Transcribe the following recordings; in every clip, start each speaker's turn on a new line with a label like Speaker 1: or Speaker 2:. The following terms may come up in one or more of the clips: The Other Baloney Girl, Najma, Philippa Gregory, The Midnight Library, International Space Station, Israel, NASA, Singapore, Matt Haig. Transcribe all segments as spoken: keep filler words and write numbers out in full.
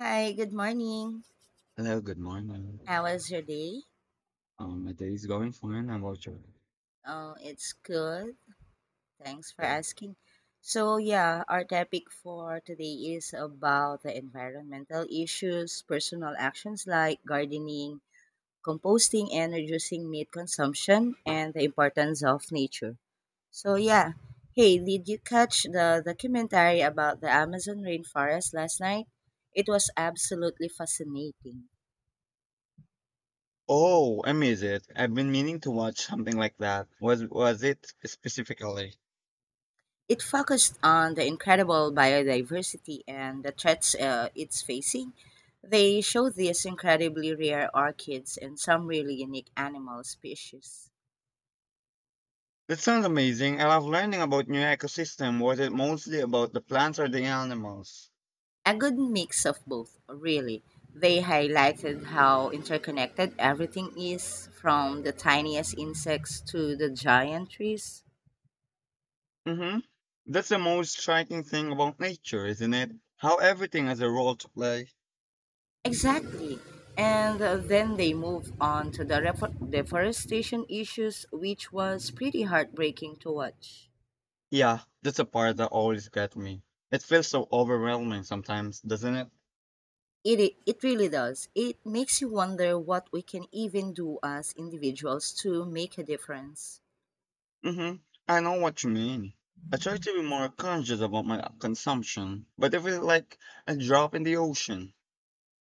Speaker 1: Hi, good morning.
Speaker 2: Hello, good morning.
Speaker 1: How was your day?
Speaker 2: Um, my day is going fine. I'm watching.
Speaker 1: Oh, it's good. Thanks for asking. So, yeah, our topic for today is about the environmental issues, personal actions like gardening, composting, and reducing meat consumption, and the importance of nature. So, yeah. Hey, did you catch the documentary about the Amazon rainforest last night? It was absolutely fascinating.
Speaker 2: Oh, I miss it. I've been meaning to watch something like that. Was was it specifically?
Speaker 1: It focused on the incredible biodiversity and the threats uh, it's facing. They showed these incredibly rare orchids and some really unique animal species.
Speaker 2: That sounds amazing. I love learning about new ecosystem. Was it mostly about the plants or the animals?
Speaker 1: A good mix of both, really. They highlighted how interconnected everything is, from the tiniest insects to the giant trees.
Speaker 2: Mm-hmm. That's the most striking thing about nature, isn't it? How everything has a role to play.
Speaker 1: Exactly. And uh, Then they move on to the refo- deforestation issues, which was pretty heartbreaking to watch.
Speaker 2: Yeah, that's a part that always gets me. It feels so overwhelming sometimes, doesn't it?
Speaker 1: It, i- it really does. It makes you wonder what we can even do as individuals to make a difference.
Speaker 2: hmm I know what you mean. I try to be more conscious about my consumption, but it feels like a drop in the ocean.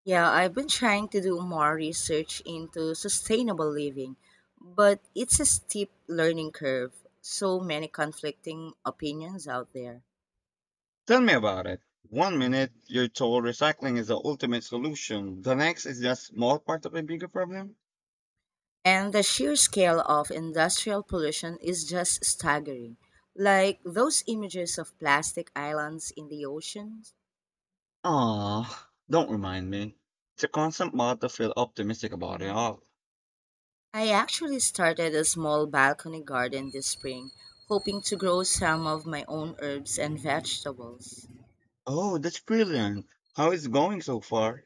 Speaker 1: Yeah, I've been trying to do more research into sustainable living, but it's a steep learning curve. So many conflicting opinions out there.
Speaker 2: Tell me about it. One minute you're told recycling is the ultimate solution. The next is just small part of a bigger problem.
Speaker 1: And the sheer scale of industrial pollution is just staggering. Like those images of plastic islands in the oceans.
Speaker 2: Ah, don't remind me. It's a constant mod to feel optimistic about it all.
Speaker 1: I actually started a small balcony garden this spring, hoping to grow some of my own herbs and vegetables.
Speaker 2: Oh, that's brilliant. How is it going so far?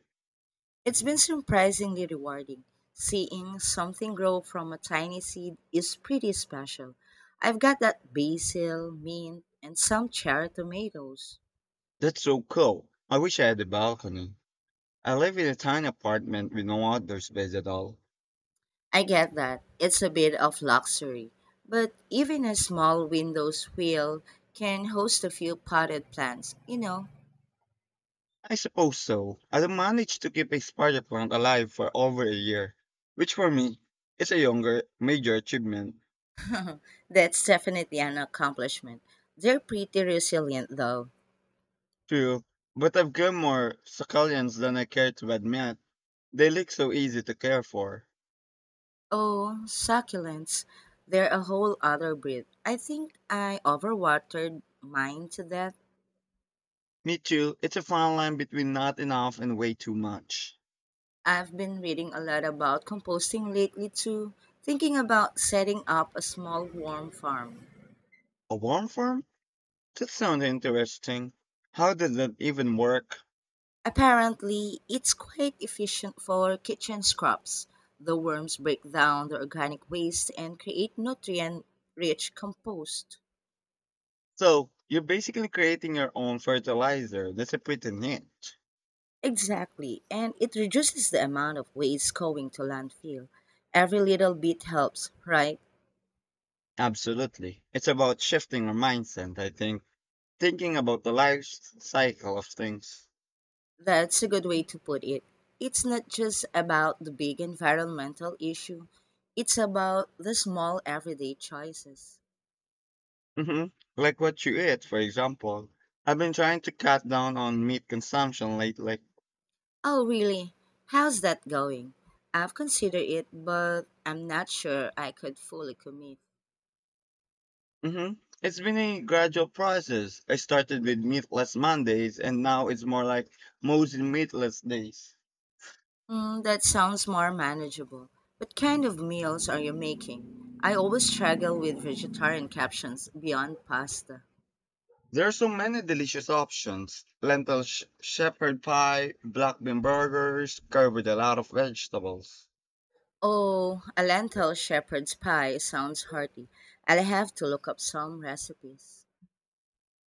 Speaker 1: It's been surprisingly rewarding. Seeing something grow from a tiny seed is pretty special. I've got that basil, mint, and some cherry tomatoes.
Speaker 2: That's so cool. I wish I had a balcony. I live in a tiny apartment with no outdoor space at all.
Speaker 1: I get that. It's a bit of luxury, but even a small window's wheel can host a few potted plants, you know.
Speaker 2: I suppose so. I managed to keep a spider plant alive for over a year, which for me is a younger major achievement.
Speaker 1: That's definitely an accomplishment. They're pretty resilient, though.
Speaker 2: True, but I've grown more succulents than I care to admit. They look so easy to care for.
Speaker 1: Oh, succulents. They're a whole other breed. I think I overwatered mine to death.
Speaker 2: Me too, it's a fine line between not enough and way too much.
Speaker 1: I've been reading a lot about composting lately, too, thinking about setting up a small worm farm.
Speaker 2: A worm farm? That sounds interesting. How does that even work?
Speaker 1: Apparently, it's quite efficient for kitchen scraps. The worms break down the organic waste and create nutrient rich compost.
Speaker 2: So, you're basically creating your own fertilizer. That's a pretty neat.
Speaker 1: Exactly, and it reduces the amount of waste going to landfill. Every little bit helps, right?
Speaker 2: Absolutely. It's about shifting our mindset, I think. Thinking about the life cycle of things.
Speaker 1: That's a good way to put it. It's not just about the big environmental issue, it's about the small everyday choices.
Speaker 2: hmm Like what you eat, for example. I've been trying to cut down on meat consumption lately.
Speaker 1: Oh, really? How's that going? I've considered it, but I'm not sure I could fully commit.
Speaker 2: hmm It's been a gradual process. I started with meatless Mondays, and now it's more like mostly meatless days.
Speaker 1: Mm, that sounds more manageable. What kind of meals are you making? I always struggle with vegetarian captions beyond pasta.
Speaker 2: There are so many delicious options: lentil sh- shepherd pie, black bean burgers, covered with a lot of vegetables.
Speaker 1: Oh, a lentil shepherd's pie sounds hearty. I'll have to look up some recipes.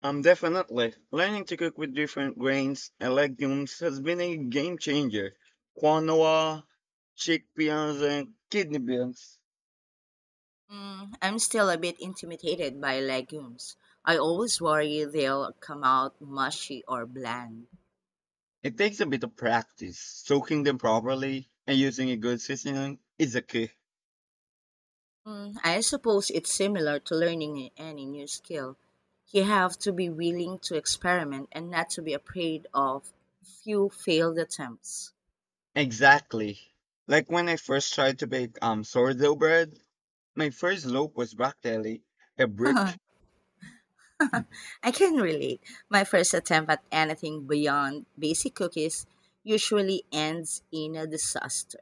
Speaker 2: Um, definitely. Learning to cook with different grains and legumes has been a game changer. Quinoa, chickpeas, and kidney beans.
Speaker 1: Mm, I'm still a bit intimidated by legumes. I always worry they'll come out mushy or bland.
Speaker 2: It takes a bit of practice. Soaking them properly and using a good seasoning is a key.
Speaker 1: Mm, I suppose it's similar to learning any new skill. You have to be willing to experiment and not to be afraid of few failed attempts.
Speaker 2: Exactly. Like when I first tried to bake um sourdough bread, my first loaf was practically a brick.
Speaker 1: I can relate. My first attempt at anything beyond basic cookies usually ends in a disaster.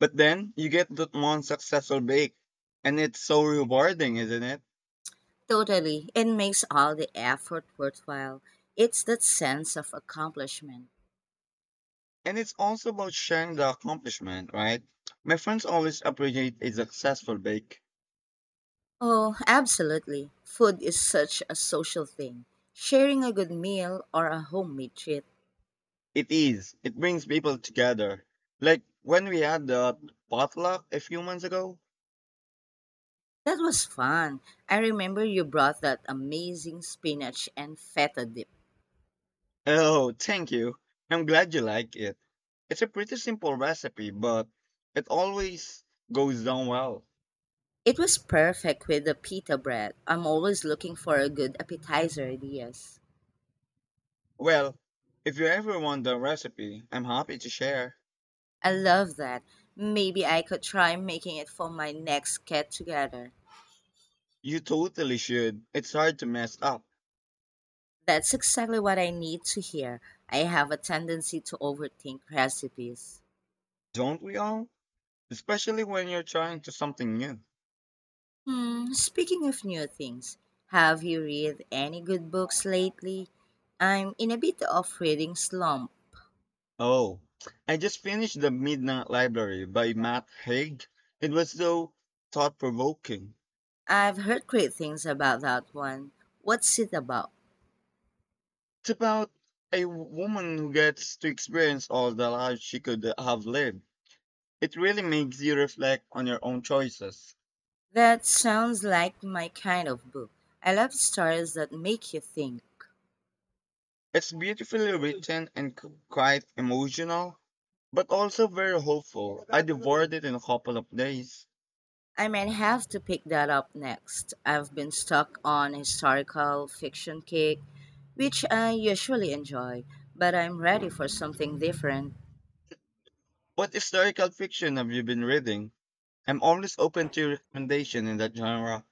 Speaker 2: But then you get that one successful bake, and it's so rewarding, isn't it?
Speaker 1: Totally. It makes all the effort worthwhile. It's that sense of accomplishment.
Speaker 2: And it's also about sharing the accomplishment, right? My friends always appreciate a successful bake.
Speaker 1: Oh, absolutely. Food is such a social thing. Sharing a good meal or a homemade treat.
Speaker 2: It is. It brings people together. Like when we had the potluck a few months ago.
Speaker 1: That was fun. I remember you brought that amazing spinach and feta dip.
Speaker 2: Oh, thank you. I'm glad you like it. It's a pretty simple recipe, but it always goes down well.
Speaker 1: It was perfect with the pita bread. I'm always looking for a good appetizer ideas.
Speaker 2: Well, if you ever want the recipe, I'm happy to share.
Speaker 1: I love that. Maybe I could try making it for my next get together.
Speaker 2: You totally should. It's hard to mess up,
Speaker 1: That's exactly what I need to hear. I have a tendency to overthink recipes.
Speaker 2: don't we all? Especially when you're trying to something new.
Speaker 1: Hmm, speaking of new things, have you read any good books lately? I'm in a bit of reading slump.
Speaker 2: Oh, I just finished The Midnight Library by Matt Haig. It was so thought provoking.
Speaker 1: I've heard great things about that one. What's it about?
Speaker 2: It's about a w- woman who gets to experience all the lives she could have lived. It really makes you reflect on your own choices.
Speaker 1: That sounds like my kind of book. I love stories that make you think.
Speaker 2: It's beautifully written and c- quite emotional, but also very hopeful. I devoured it in a couple of days.
Speaker 1: I might have to pick that up next. I've been stuck on historical fiction kick, which I usually enjoy, but I'm ready for something different.
Speaker 2: What historical fiction have you been reading? I'm always open to your recommendation in that genre.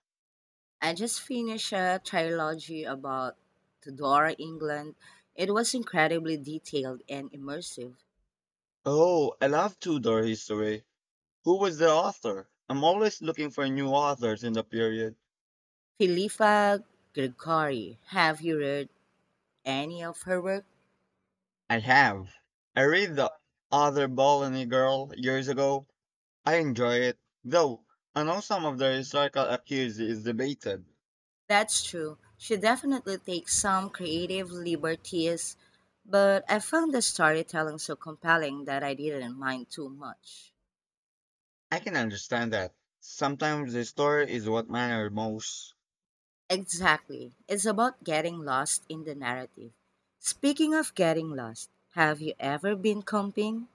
Speaker 1: I just finished a trilogy about Tudor England. It was incredibly detailed and immersive.
Speaker 2: Oh, I love Tudor history. Who was the author? I'm always looking for new authors in the period.
Speaker 1: Philippa Gregory, have you read any of her work?
Speaker 2: I have. I read The Other Baloney Girl years ago. I enjoy it, though I know some of the historical accuracy is debated.
Speaker 1: That's true. She definitely takes some creative liberties, but I found the storytelling so compelling that I didn't mind too much.
Speaker 2: I can understand that. Sometimes the story is what matters most.
Speaker 1: Exactly. It's about getting lost in the narrative. Speaking of getting lost, have you ever been camping?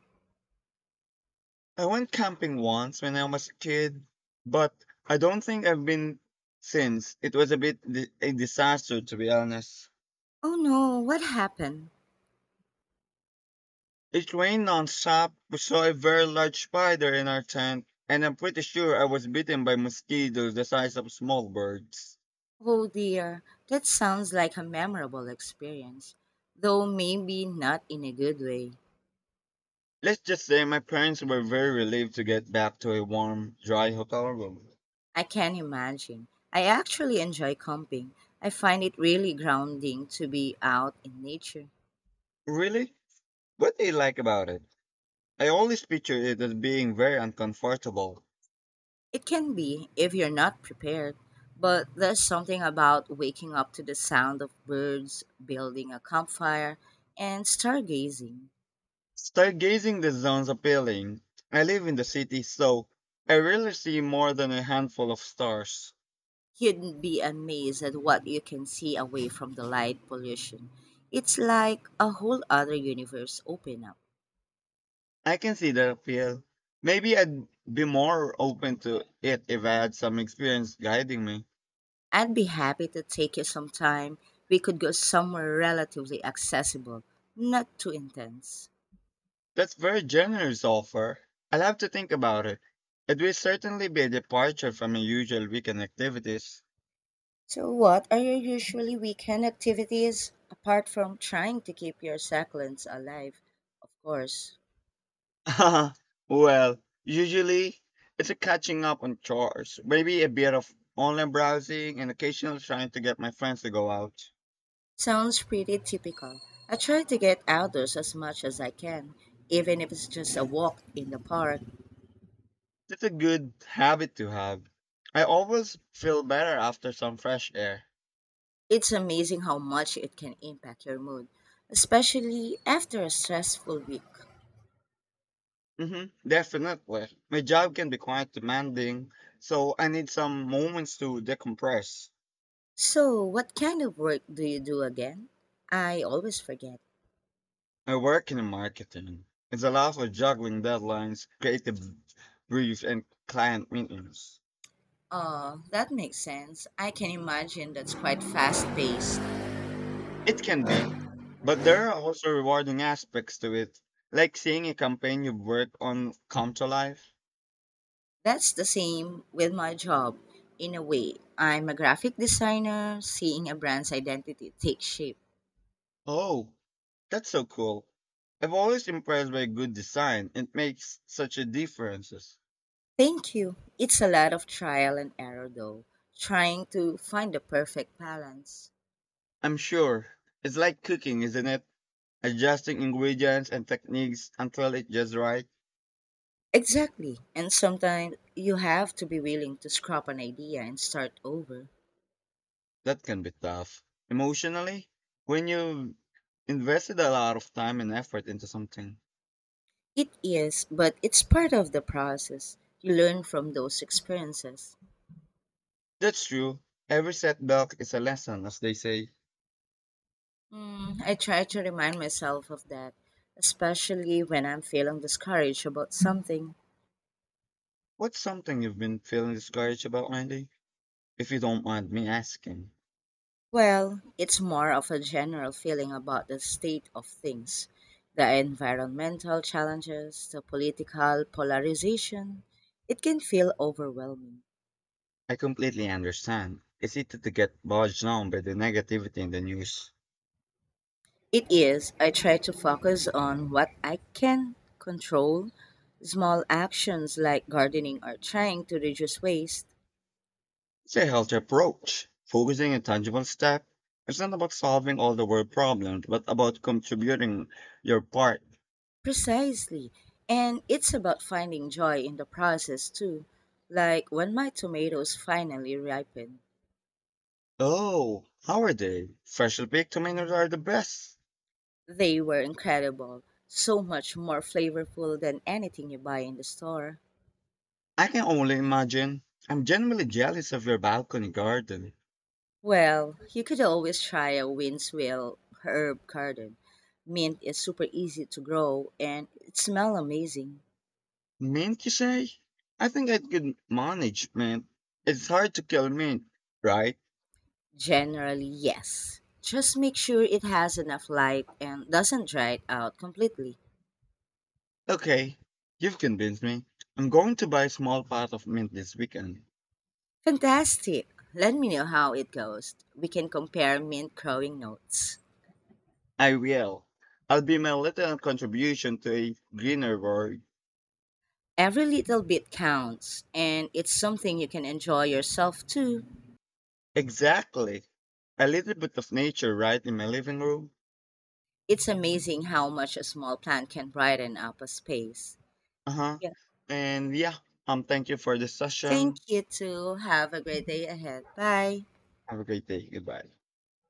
Speaker 2: I went camping once when I was a kid, but I don't think I've been since. It was a bit di- a disaster, to be honest.
Speaker 1: Oh no, what happened?
Speaker 2: It rained nonstop. We saw a very large spider in our tent, and I'm pretty sure I was bitten by mosquitoes the size of small birds.
Speaker 1: Oh dear, that sounds like a memorable experience, though maybe not in a good way.
Speaker 2: Let's just say my parents were very relieved to get back to a warm, dry hotel room.
Speaker 1: I can imagine. I actually enjoy camping. I find it really grounding to be out in nature.
Speaker 2: Really? What do you like about it? I always picture it as being very uncomfortable.
Speaker 1: It can be if you're not prepared, but there's something about waking up to the sound of birds, building a campfire, and stargazing.
Speaker 2: Stargazing the zone's appealing. I live in the city, so I rarely see more than a handful of stars.
Speaker 1: You'd be amazed at what you can see away from the light pollution. It's like a whole other universe open up.
Speaker 2: I can see that appeal. Maybe I'd be more open to it if I had some experience guiding me.
Speaker 1: I'd be happy to take you sometime. We could go somewhere relatively accessible, not too intense.
Speaker 2: That's very generous offer. I'll have to think about it. It will certainly be a departure from my usual weekend activities.
Speaker 1: So, what are your usually weekend activities apart from trying to keep your succulents alive? Of course.
Speaker 2: Well, usually it's a catching up on chores, maybe a bit of online browsing and occasional trying to get my friends to go out.
Speaker 1: Sounds pretty typical. I try to get outdoors as much as I can, even if it's just a walk in the park.
Speaker 2: That's a good habit to have. I always feel better after some fresh air.
Speaker 1: It's amazing how much it can impact your mood, especially after a stressful week.
Speaker 2: hmm Definitely. My job can be quite demanding, so I need some moments to decompress.
Speaker 1: So, what kind of work do you do again? I always forget.
Speaker 2: I work in marketing. It's a lot of juggling deadlines, creative briefs, and client meetings.
Speaker 1: Oh, that makes sense. I can imagine that's quite fast paced.
Speaker 2: It can be, but there are also rewarding aspects to it, like seeing a campaign you work on come to life.
Speaker 1: That's the same with my job, in a way. I'm a graphic designer, seeing a brand's identity take shape.
Speaker 2: Oh, that's so cool. I'm always impressed by good design. It makes such a difference.
Speaker 1: Thank you. It's a lot of trial and error, though, trying to find the perfect balance.
Speaker 2: I'm sure. It's like cooking, isn't it? Adjusting ingredients and techniques until it's just right,
Speaker 1: Exactly. And sometimes you have to be willing to scrap an idea and start over.
Speaker 2: that can be tough. Emotionally, when you've invested a lot of time and effort into something.
Speaker 1: It is, but it's part of the process. You learn from those experiences.
Speaker 2: That's true. Every setback is a lesson, as they say.
Speaker 1: Mm, I try to remind myself of that, especially when I'm feeling discouraged about something.
Speaker 2: What's something you've been feeling discouraged about lately? If you don't mind me asking,
Speaker 1: Well, it's more of a general feeling about the state of things, the environmental challenges, the political polarization. It can feel overwhelming.
Speaker 2: I completely understand. It's easy to get bogged down by the negativity in the news.
Speaker 1: It is. I try to focus on what I can control, small actions like gardening or trying to reduce waste.
Speaker 2: It's a healthy approach, focusing on tangible steps. It's not about solving all the world problems, but about contributing your part.
Speaker 1: Precisely. And it's about finding joy in the process too. Like when my tomatoes finally ripened,
Speaker 2: Oh, how are they? Freshly picked tomatoes are the best.
Speaker 1: they were incredible, so much more flavorful than anything you buy in the store.
Speaker 2: I can only imagine. I'm genuinely jealous of your balcony garden.
Speaker 1: Well, you could always try a Winswell herb garden. Mint is super easy to grow and it smells amazing.
Speaker 2: Mint, you say? I think I could manage mint. It's hard to kill mint, right?
Speaker 1: Generally, yes. Just make sure it has enough light and doesn't dry it out completely.
Speaker 2: Okay, you've convinced me. I'm going to buy a small pot of mint this weekend.
Speaker 1: Fantastic! Let me know how it goes. We can compare mint growing notes.
Speaker 2: I will. I'll be my little contribution to a greener world.
Speaker 1: Every little bit counts, and it's something you can enjoy yourself too.
Speaker 2: Exactly. A little bit of nature right in my living room.
Speaker 1: It's amazing how much a small plant can brighten up a space.
Speaker 2: Uh huh.
Speaker 1: Yeah.
Speaker 2: And yeah, um, thank you for the
Speaker 1: Thank
Speaker 2: session.
Speaker 1: you too. Have a great day ahead. Bye.
Speaker 2: Have a great day. Goodbye.